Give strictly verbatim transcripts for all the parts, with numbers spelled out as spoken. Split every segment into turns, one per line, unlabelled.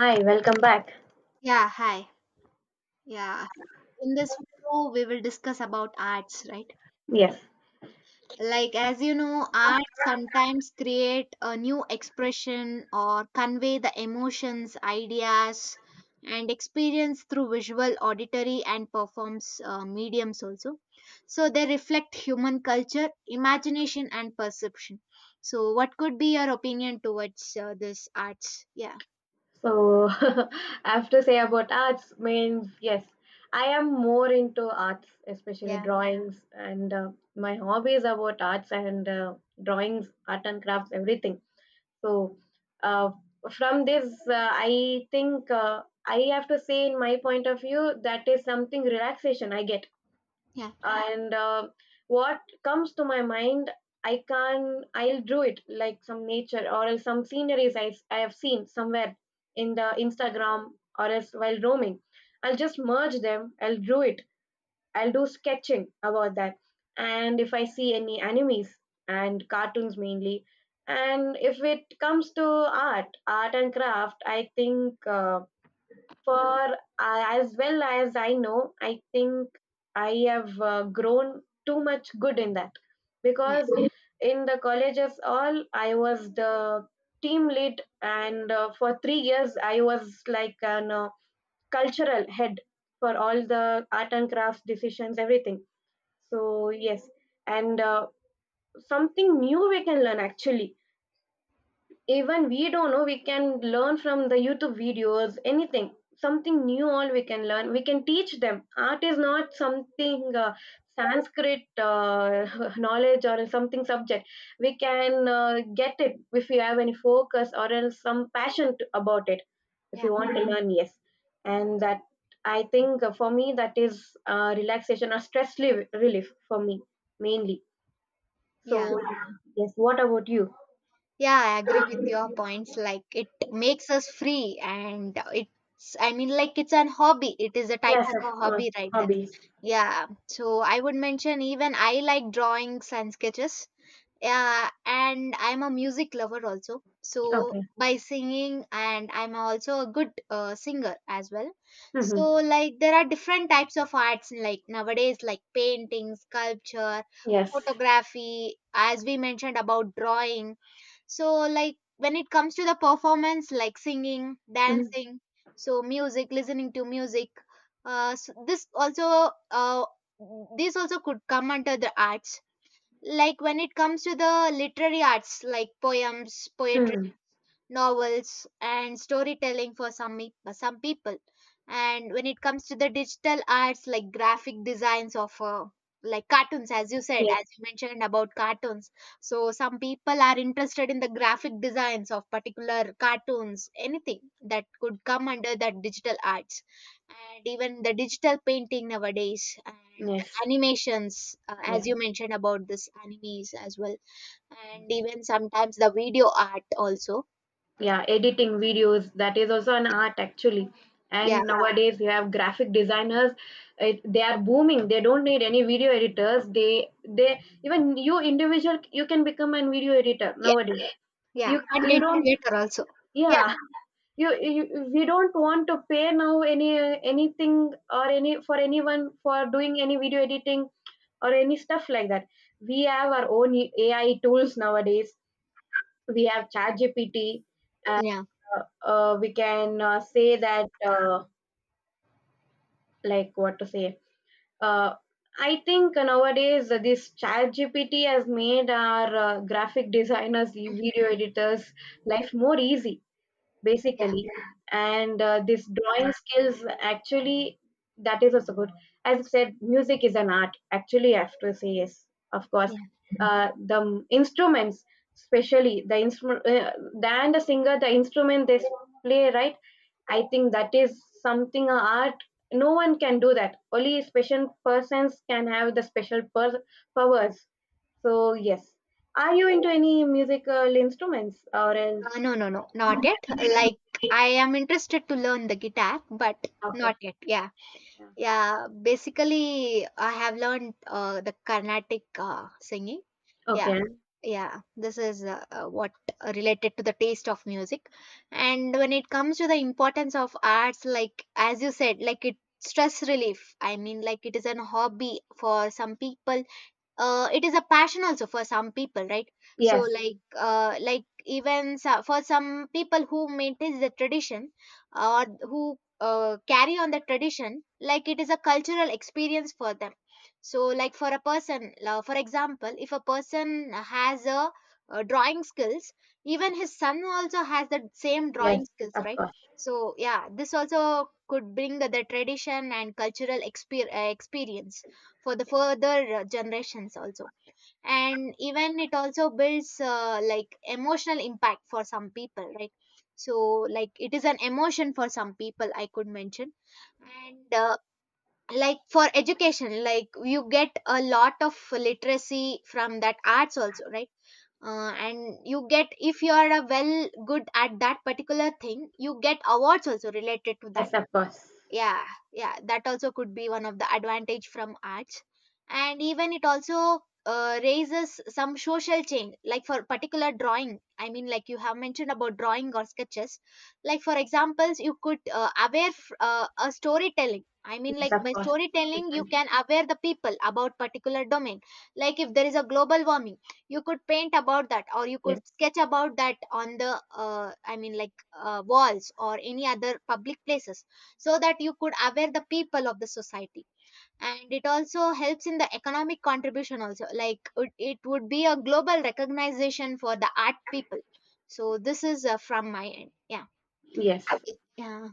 Hi, welcome back.
Yeah, hi. Yeah. In this video, we will discuss about arts, right?
Yes.
Like, as you know, arts sometimes create a new expression or convey the emotions, ideas, and experience through visual, auditory, and performs uh, mediums also. So, they reflect human culture, imagination, and perception. So, what could be your opinion towards uh, this arts? Yeah,
So I have to say about arts means yes, I am more into arts, especially
yeah,
drawings, and uh, my hobbies about arts and uh, drawings, art and crafts, everything. So uh, from this, uh, I think uh, I have to say, in my point of view, that is something relaxation I get
yeah,
and uh, what comes to my mind i can i'll draw it like some nature or else some sceneries I, I have seen somewhere in the Instagram or else while roaming, I'll just merge them, I'll draw it, I'll do sketching about that. And if I see any animes and cartoons mainly. And if it comes to art art and craft, I think uh, for uh, as well as I know, I think I have uh, grown too much good in that.
yeah,
Because in the colleges all I was the team lead and uh, for three years I was like an uh, cultural head for all the art and crafts decisions everything. So yes, and uh, something new we can learn actually. Even we don't know, we can learn from the YouTube videos anything, something new all we can learn, we can teach them. Art is not something uh, Sanskrit uh, knowledge or something subject. We can uh, get it if we have any focus or else some passion to, about it if
yeah.
you want to learn. Yes, and that I think uh, for me that is uh, relaxation or stress relief, relief for me mainly. So
Yeah.
yes, what about you?
Yeah, I agree with your points. Like it makes us free and it's, I mean, like it's an hobby. It is a type
Yes,
of
of
a
course,
hobby, right?
hobbies.
Yeah. So I would mention, even I like drawings and sketches. Yeah, and I'm a music lover also. So
Okay.
by singing, and I'm also a good uh, singer as well. So
Mhm.
like there are different types of arts like nowadays, like painting, sculpture,
Yes.
photography, as we mentioned about drawing. So, like when it comes to the performance, like singing,
Mhm.
dancing, so music, listening to music, uh, so this also uh, this also could come under the arts. Like when it comes to the literary arts, like poems, poetry,
Mhm.
novels and storytelling for some me- uh, some people. And when it comes to the digital arts, like graphic designs of uh, like cartoons, as you said,
Yes.
as you mentioned about cartoons, so some people are interested in the graphic designs of particular cartoons, anything that could come under that digital arts. And even the digital painting nowadays, and
Yes.
animations, uh, as
Yes.
you mentioned about this animes as well, and even sometimes the video art also.
Yeah, editing videos, that is also an art actually.
Yeah.
And nowadays you have graphic designers. It, they are booming. They don't need any video editors. They they even you individual you can become a video editor
Yeah,
nowadays.
yeah,
You you
content
don't
creator also. Yeah,
yeah you, you we don't want to pay now any anything or any for anyone for doing any video editing or any stuff like that. We have our own A I tools nowadays. We have ChatGPT.
yeah,
Uh, uh, we can uh, say that, uh, like, what to say. Uh, I think nowadays uh, this ChatGPT has made our uh, graphic designers, video editors' life more easy
yeah,
basically. And uh, this drawing skills actually, that is also good. As I said, music is an art actually, I have to say. Yes, of course.
yeah.
Uh, the m- instruments, especially the instrument, uh, the- and the singer, the instrument they s- play, right? I think that is something a art. No one can do that, only special persons can have the special per- powers. So yes, are you into any musical instruments or else?
Uh, no, no, no, not yet. Like, I am interested to learn the guitar, but not
Okay.
yet. Yeah,
Yeah.
yeah. Basically, I have learned uh, the Carnatic uh, singing. Yeah,
Okay.
yeah. This is uh, uh, what uh, related to the taste of music. And when it comes to the importance of arts, like, as you said, like, it stress relief, I mean, like it is an hobby for some people. uh, it is a passion also for some people, right? So
Yes.
like, uh, like, even so, for some people who maintain the tradition, or who uh, carry on the tradition, like it is a cultural experience for them. So like, for a person, uh, for example, if a person has a uh, drawing skills, even his son also has the same drawing
Yes,
skills,
of
right?
course.
So yeah, this also could bring the tradition and cultural exper- uh, experience for the further uh, generations also. And even it also builds uh, like emotional impact for some people, right? So like, it is an emotion for some people, I could mention. And uh, like for education, like you get a lot of literacy from that arts also, right? uh, and you get, if you are a well good at that particular thing, you get awards also related to that.
Yes, of course.
Yeah, yeah, that also could be one of the advantage from arts. And even it also uh, raises some social change, like for particular drawing, I mean, like you have mentioned about drawing or sketches. Like for examples, you could uh, aware f- uh, a storytelling, I mean,
Yes,
like
of
by
course. We
storytelling you
can.
can aware the people about particular domain. Like if there is a global warming, you could paint about that, or you
Yes.
could sketch about that on the uh, I mean, like uh, walls or any other public places, so that you could aware the people of the society. And it also helps in the economic contribution also, like it, it would be a global recognition for the art people. So this is uh, from my end. Yeah,
Yes.
yeah,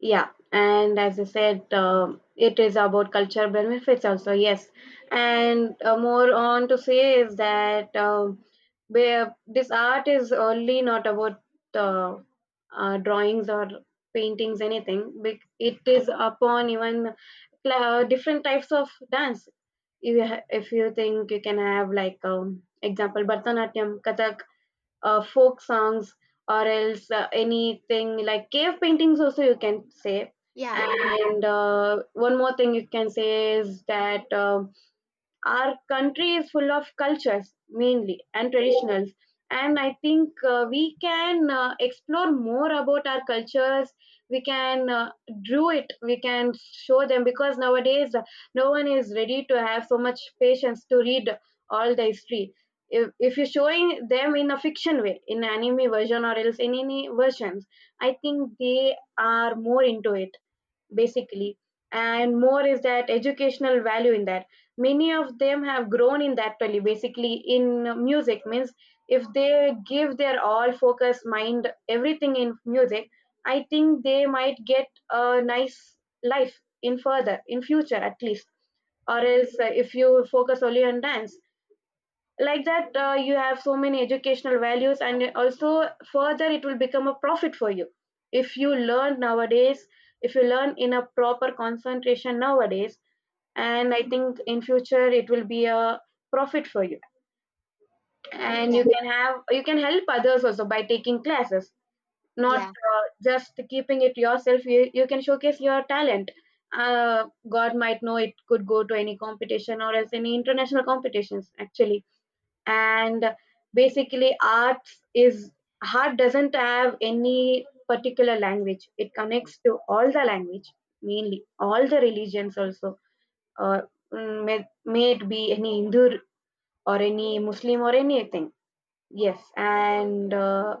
Yeah, and as I said, um it is about culture benefits also, yes. And uh, more on to say is that um where this art is only not about uh, uh, drawings or paintings, anything. Bec- It is upon even cla- different types of dance. If you, ha- if you think, you can have like um, example Bharatanatyam, Kathak, uh, folk songs or else uh, anything like cave paintings also you can say.
yeah, yeah,
And uh, one more thing you can say is that uh, our country is full of cultures, mainly, and traditionals. And I think uh, we can uh, explore more about our cultures. We can uh, do it. We can show them because nowadays uh, no one is ready to have so much patience to read all the history. If, if you're showing them in a fiction way, in anime version or else in any versions, I think they are more into it basically. And more is that educational value in that, many of them have grown in that valley basically. In music means, if they give their all focus, mind, everything in music, I think they might get a nice life in further in future at least. Or else uh, if you focus only on dance like that, uh, you have so many educational values and also further it will become a profit for you if you learn nowadays, if you learn in a proper concentration nowadays. And I think in future it will be a profit for you. And
yeah,
you can have, you can help others also by taking classes, not
yeah,
uh, just keeping it yourself. You, you can showcase your talent. Uh, god might know, it could go to any competition or else any international competitions actually. And basically, arts is, art doesn't have any particular language, it connects to all the language, mainly all the religions also. Uh, mm, may, may it be any Hindu or any Muslim or anything. Yes. And uh,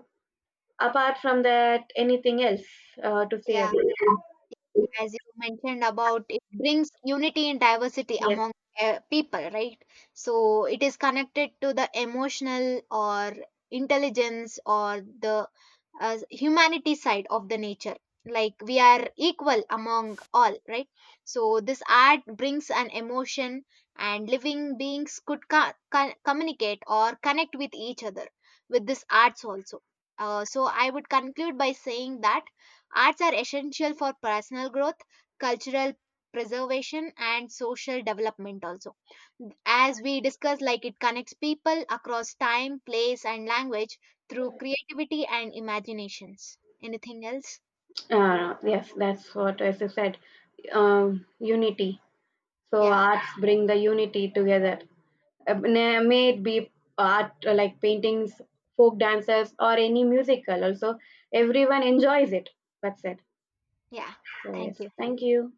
apart from that, anything else uh, to say
yeah.
about it?
As you mentioned about, it brings unity and diversity
Yes.
among uh, people, right? So it is connected to the emotional or intelligence or the uh, humanity side of the nature. Like we are equal among all, right? So this art brings an emotion, and living beings could co- co- communicate or connect with each other with this arts also. uh, so I would conclude by saying that arts are essential for personal growth, cultural preservation and social development also. As we discussed, like it connects people across time, place and language through creativity and imaginations. Anything else?
Uh, yes, that's what I said. Um, unity. So
Yeah,
arts bring the unity together. Uh, na- May it be art uh, like paintings, folk dances, or any musical. Also, everyone enjoys it. That's it.
yeah.
So
Thank
yes,
you.
thank you.